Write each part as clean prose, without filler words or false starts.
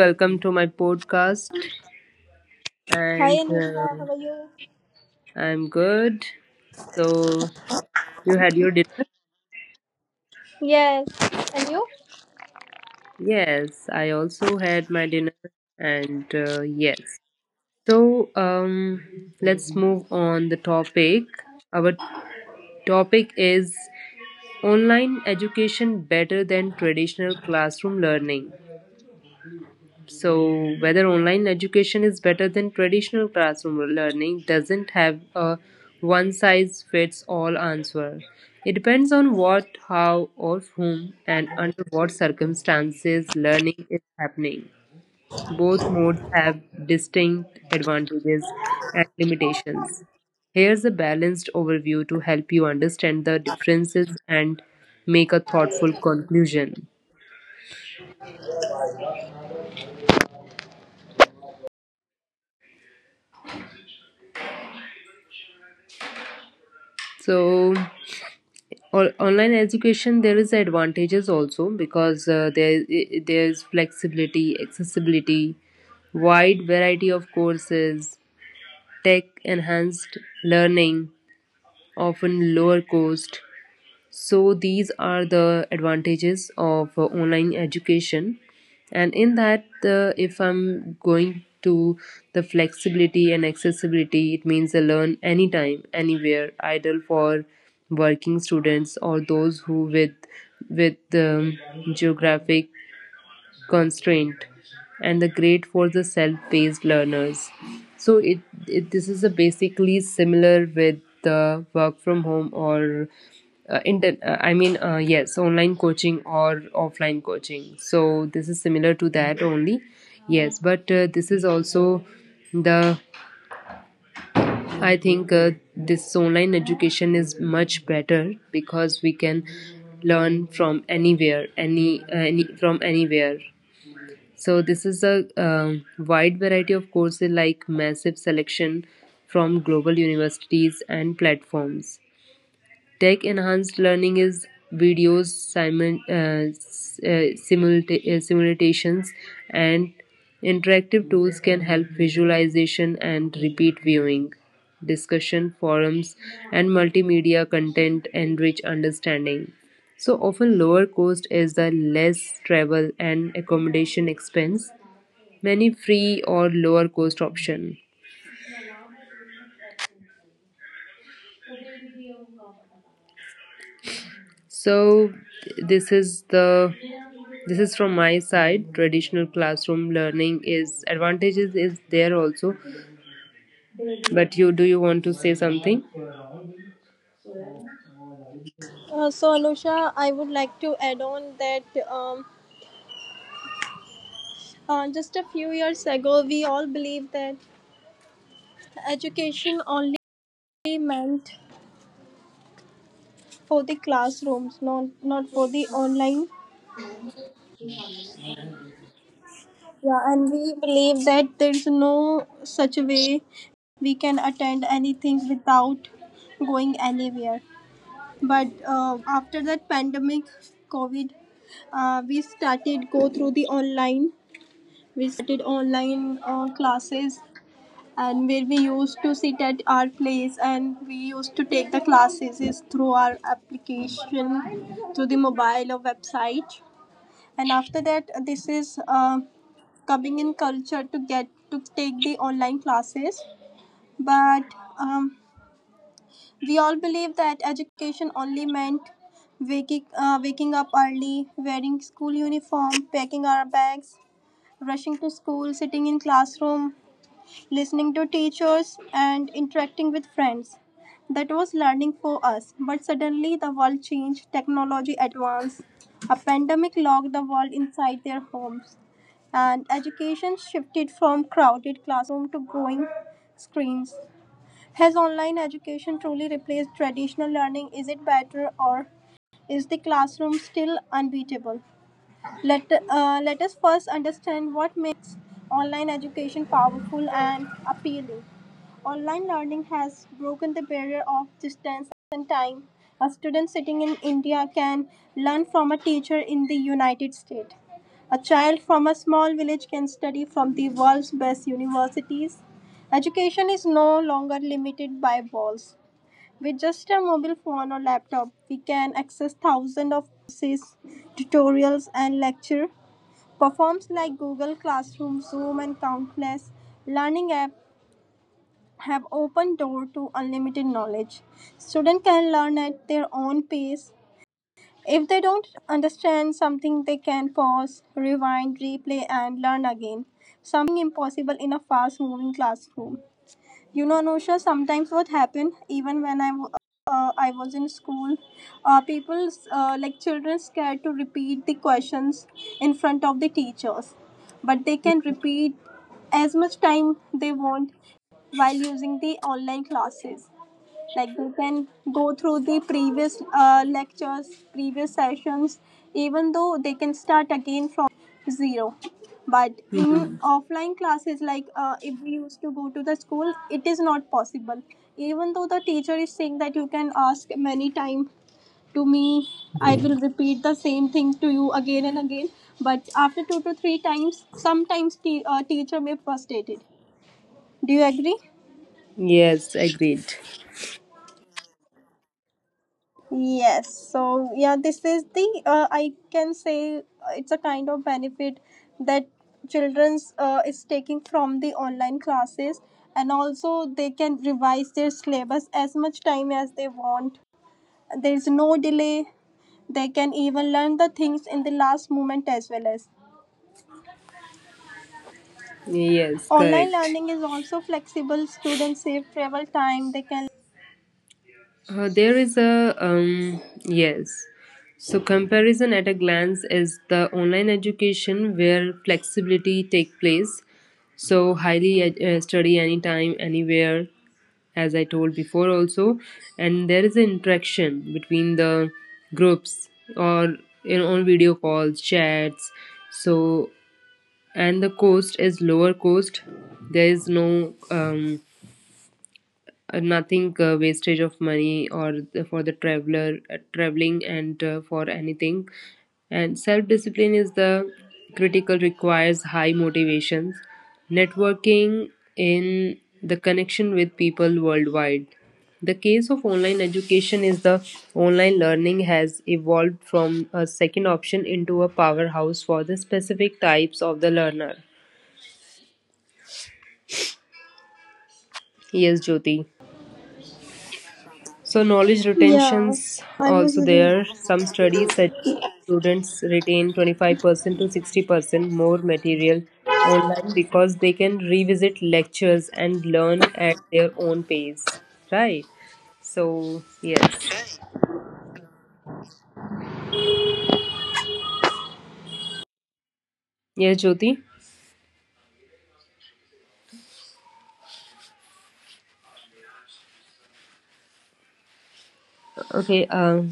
welcome to my podcast. Hi And Anusha, how are you? I'm good. So, you had your dinner? Yes, and you? Yes, I also had my dinner. And yes. So, let's move on the topic. Our topic is online education better than traditional classroom learning. So, whether online education is better than traditional classroom learning doesn't have a one size fits all answer. It depends on what, how, or whom, and under what circumstances learning is happening. Both modes have distinct advantages and limitations. Here's a balanced overview to help you understand the differences and make a thoughtful conclusion. So, Or online education, there is advantages also because there is flexibility, accessibility, wide variety of courses, tech enhanced learning, often lower cost. So these are the advantages of online education. And in that, if I'm going to the flexibility and accessibility, it means I learn anytime anywhere, ideal for working students or those who with geographic constraint, and the great for the self-paced learners. So it this is a basically similar with the work from home, or yes, online coaching or offline coaching. So this is similar to that only. Yes, but this is also the, I think, this online education is much better because we can learn from anywhere, any from anywhere. So this is a wide variety of courses, like massive selection from global universities and platforms. Tech enhanced learning is videos, simulations, and interactive tools can help visualization and repeat viewing. Discussion forums and multimedia content enrich understanding. So often lower cost is the less travel and accommodation expense, many free or lower cost option. So this is the this is from my side. Traditional classroom learning is advantages is there also. But you, do you want to say something? So Anusha, I would like to add on that um, just a few years ago, we all believed that education only meant for the classrooms, not for the online. Yeah, and we believe that there's no such a way we can attend anything without going anywhere. But after that pandemic, COVID, uh, we started go through the online we started online classes, and where we used to sit at our place and we used to take the classes is through our application, through the mobile or website. And after that, this is coming in culture to get to take the online classes. But um, we all believe that education only meant waking, waking up early, wearing school uniform, packing our bags, rushing to school, sitting in classroom, listening to teachers, and interacting with friends. That was learning for us. But suddenly the world changed, technology advanced, a pandemic locked the world inside their homes, and education shifted from crowded classroom to growing screens. Has online education truly replaced traditional learning? Is it better, or is the classroom still unbeatable? Let us first understand what makes online education powerful and appealing. Online learning has broken the barrier of distance and time. A student sitting in India can learn from a teacher in the United States. A child from a small village can study from the world's best universities. Education is no longer limited by walls. With just a mobile phone or laptop, we can access thousands of courses, tutorials, and lecture platforms like Google Classroom, Zoom, and countless learning apps have opened door to unlimited knowledge. Students can learn at their own pace. If they don't understand something, they can pause, rewind, replay, and learn again. Something impossible in a fast-moving classroom. Anusha, sometimes what happened, even when I was in school, people, like children, scared to repeat the questions in front of the teachers. But they can repeat as much time they want while using the online classes, like they can go through the previous lectures, previous sessions, even though they can start again from zero. But in Mhm. offline classes, like if we used to go to the school, it is not possible. Even though the teacher is saying that you can ask many times to me, I will repeat the same thing to you again and again, but after two to three times sometimes teacher may frustrated. Do you agree? Yes, agreed. Yes, so yeah, this is the I can say it's a kind of benefit that children's is taking from the online classes, and also they can revise their syllabus as much time as they want. There is no delay. They can even learn the things in the last moment as well, as Yes, online correct. learning is also flexible. Students save travel time. They can There is a Yes. So comparison at a glance is the online education where flexibility take place. So highly, study anytime, anywhere, as I told before also. And there is an interaction between the groups or in on video calls, chats. So and the cost is lower cost. There is no nothing, wastage of money or for the traveler traveling, and for anything. And self discipline is the critical, requires high motivations, networking in the connection with people worldwide. The case of online education is the online learning has evolved from a second option into a powerhouse for the specific types of the learner. Yes, Jyoti. So knowledge Yeah, retention's I was also reading. there. Some studies suggest students retain 25% to 60% more material online because they can revisit lectures and learn at their own pace. Right. So yes. Yes, Jyoti. Okay. Um,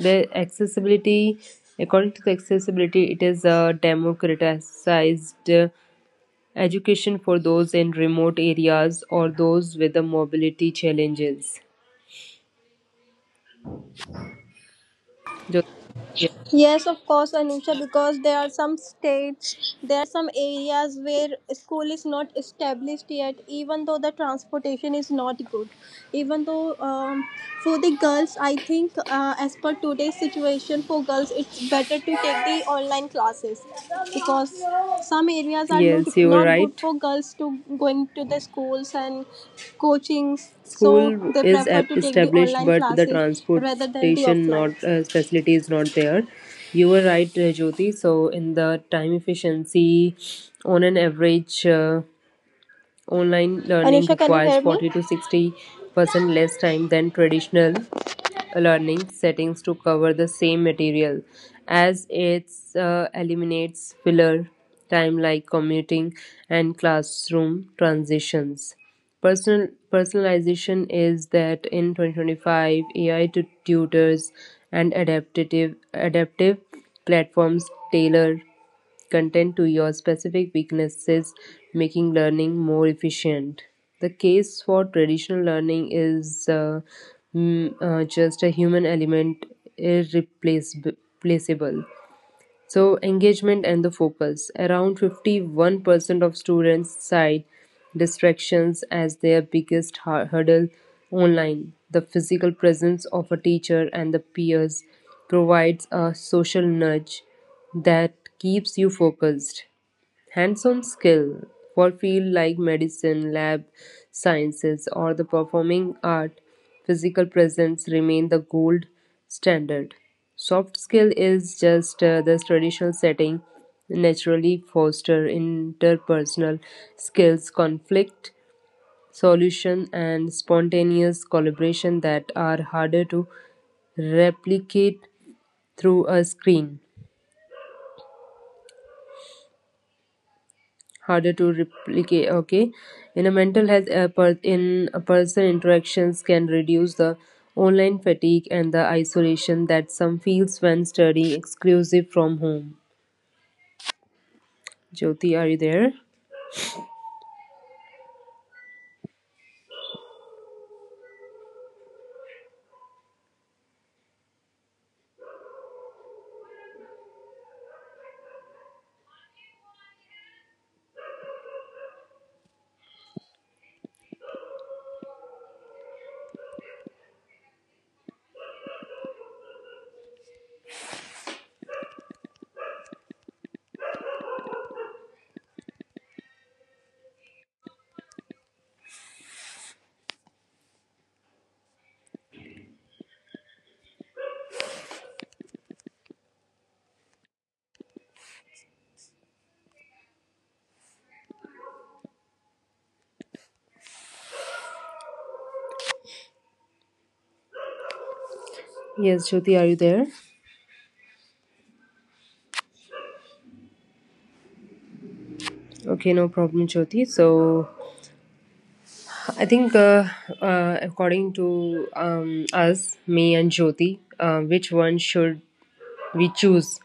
the accessibility, according to the accessibility, it is a democratized education for those in remote areas or those with the mobility challenges. Jo- ye- Yes, of course, Anusha, because there are some states, there are some areas where school is not established yet, even though the transportation is not good. Even though for the girls, I think as per today's situation, for girls, it's better to take the online classes because some areas are not, Yes, you were good right. for girls to going to the schools and coachings. So School they is prefer to take the established, online but the classes rather than the transportation, not offline. Facility is not there. You were right, Jyoti. So in the time efficiency, on an average, online learning Anusha, can you requires hear me? 40 to 60% less time than traditional learning settings to cover the same material, as it eliminates filler time like commuting and classroom transitions. Personalization is that in 2025, AI to tutors and adaptive platforms tailor content to your specific weaknesses, making learning more efficient. The case for traditional learning is just a human element, irreplaceable. So, engagement and the focus. Around 51% of students cite distractions as their biggest hurdle online. The physical presence of a teacher and the peers provides a social nudge that keeps you focused. Hands-on skill for fields like medicine, lab sciences, or the performing art, physical presence remain the gold standard. Soft skill is just the traditional setting naturally foster interpersonal skills, conflict solution, and spontaneous collaboration that are harder to replicate through a screen. Harder to replicate, okay. In a mental health, in a person interactions can reduce the online fatigue and the isolation that some feels when studying exclusive from home. Jyoti, are you there? Yes, Jyoti, are you there? Okay, no problem, Jyoti. So I think, according to us, me and Jyoti, which one should we choose?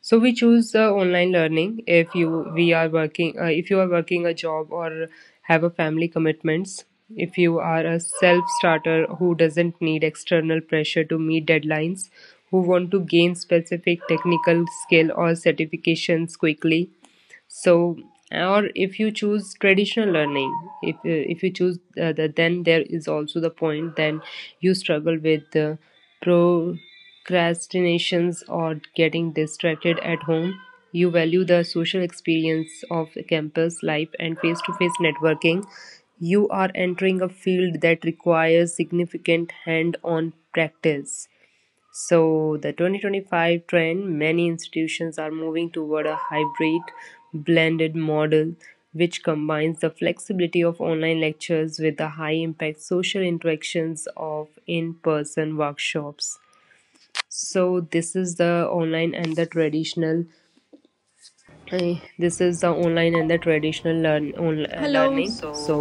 So we choose online learning if you we are working, if you are working a job or have a family commitments. If you are a self starter who doesn't need external pressure to meet deadlines, who want to gain specific technical skill or certifications quickly. So, or if you choose traditional learning, if then there is also the point, then you struggle with procrastinations or getting distracted at home, you value the social experience of campus life and face to face networking, you are entering a field that requires significant hand on practice. So, the 2025 trend, many institutions are moving toward a hybrid blended model which combines the flexibility of online lectures with the high impact social interactions of in person workshops. So, this is the online and the traditional. This is the online and the traditional Hello. learning. So, So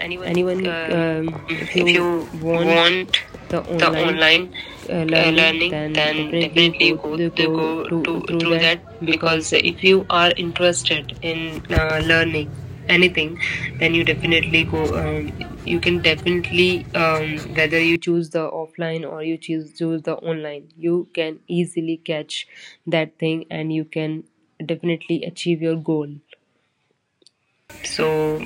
anyone, anyone, um, if you if you want want the the online online learning, learning, then then definitely you definitely go go to to through through that. that, Because because if if you you are are interested interested in in learning learning anything, anything, then then you you definitely definitely go, go. You You can can definitely definitely whether whether you you choose the offline or you choose the online, you can easily catch that thing and you can definitely achieve your goal. so So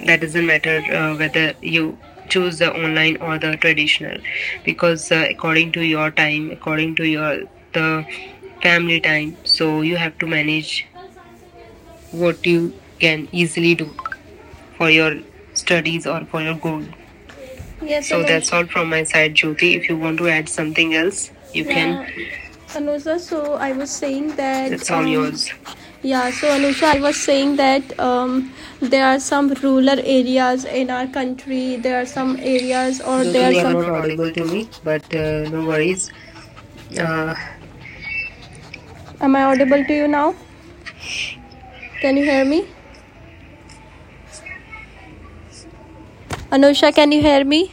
that that doesn't doesn't matter matter whether whether you you choose choose the the online online or or the the traditional, traditional, because because according according to to your your time, time, according according to to your your the the family family time, time, so so you you have have to to manage manage what what you you can can easily easily do do for for your your studies studies or or for for your your goal. goal. Yes, so So that's that's all all from from my my side, side, Jyoti. Jyoti. If If you you want want to to add add something something else, else, you you can. Yeah. can Anusha, so I was saying that. It's It's all all yours. yours. Yeah, so Anusha, I was saying that there are some rural areas in our country. There are some areas, or there Jyoti, no, are you you are some. You not are not audible audible to to me, me, but but no no worries. worries. Uh, Uh, Am I audible to you now? Can you hear me? Anusha, can you hear me?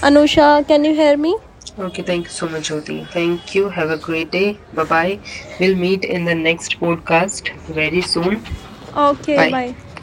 Anusha, can you hear me? okay, Okay, thank thank you you so so much, much, Jyoti. Jyoti. Thank Thank you. you. Have Have a a great great day. day. Bye Bye bye. bye. We'll We'll meet meet in in the the next next podcast podcast very very soon. soon. Okay, bye Bye. bye.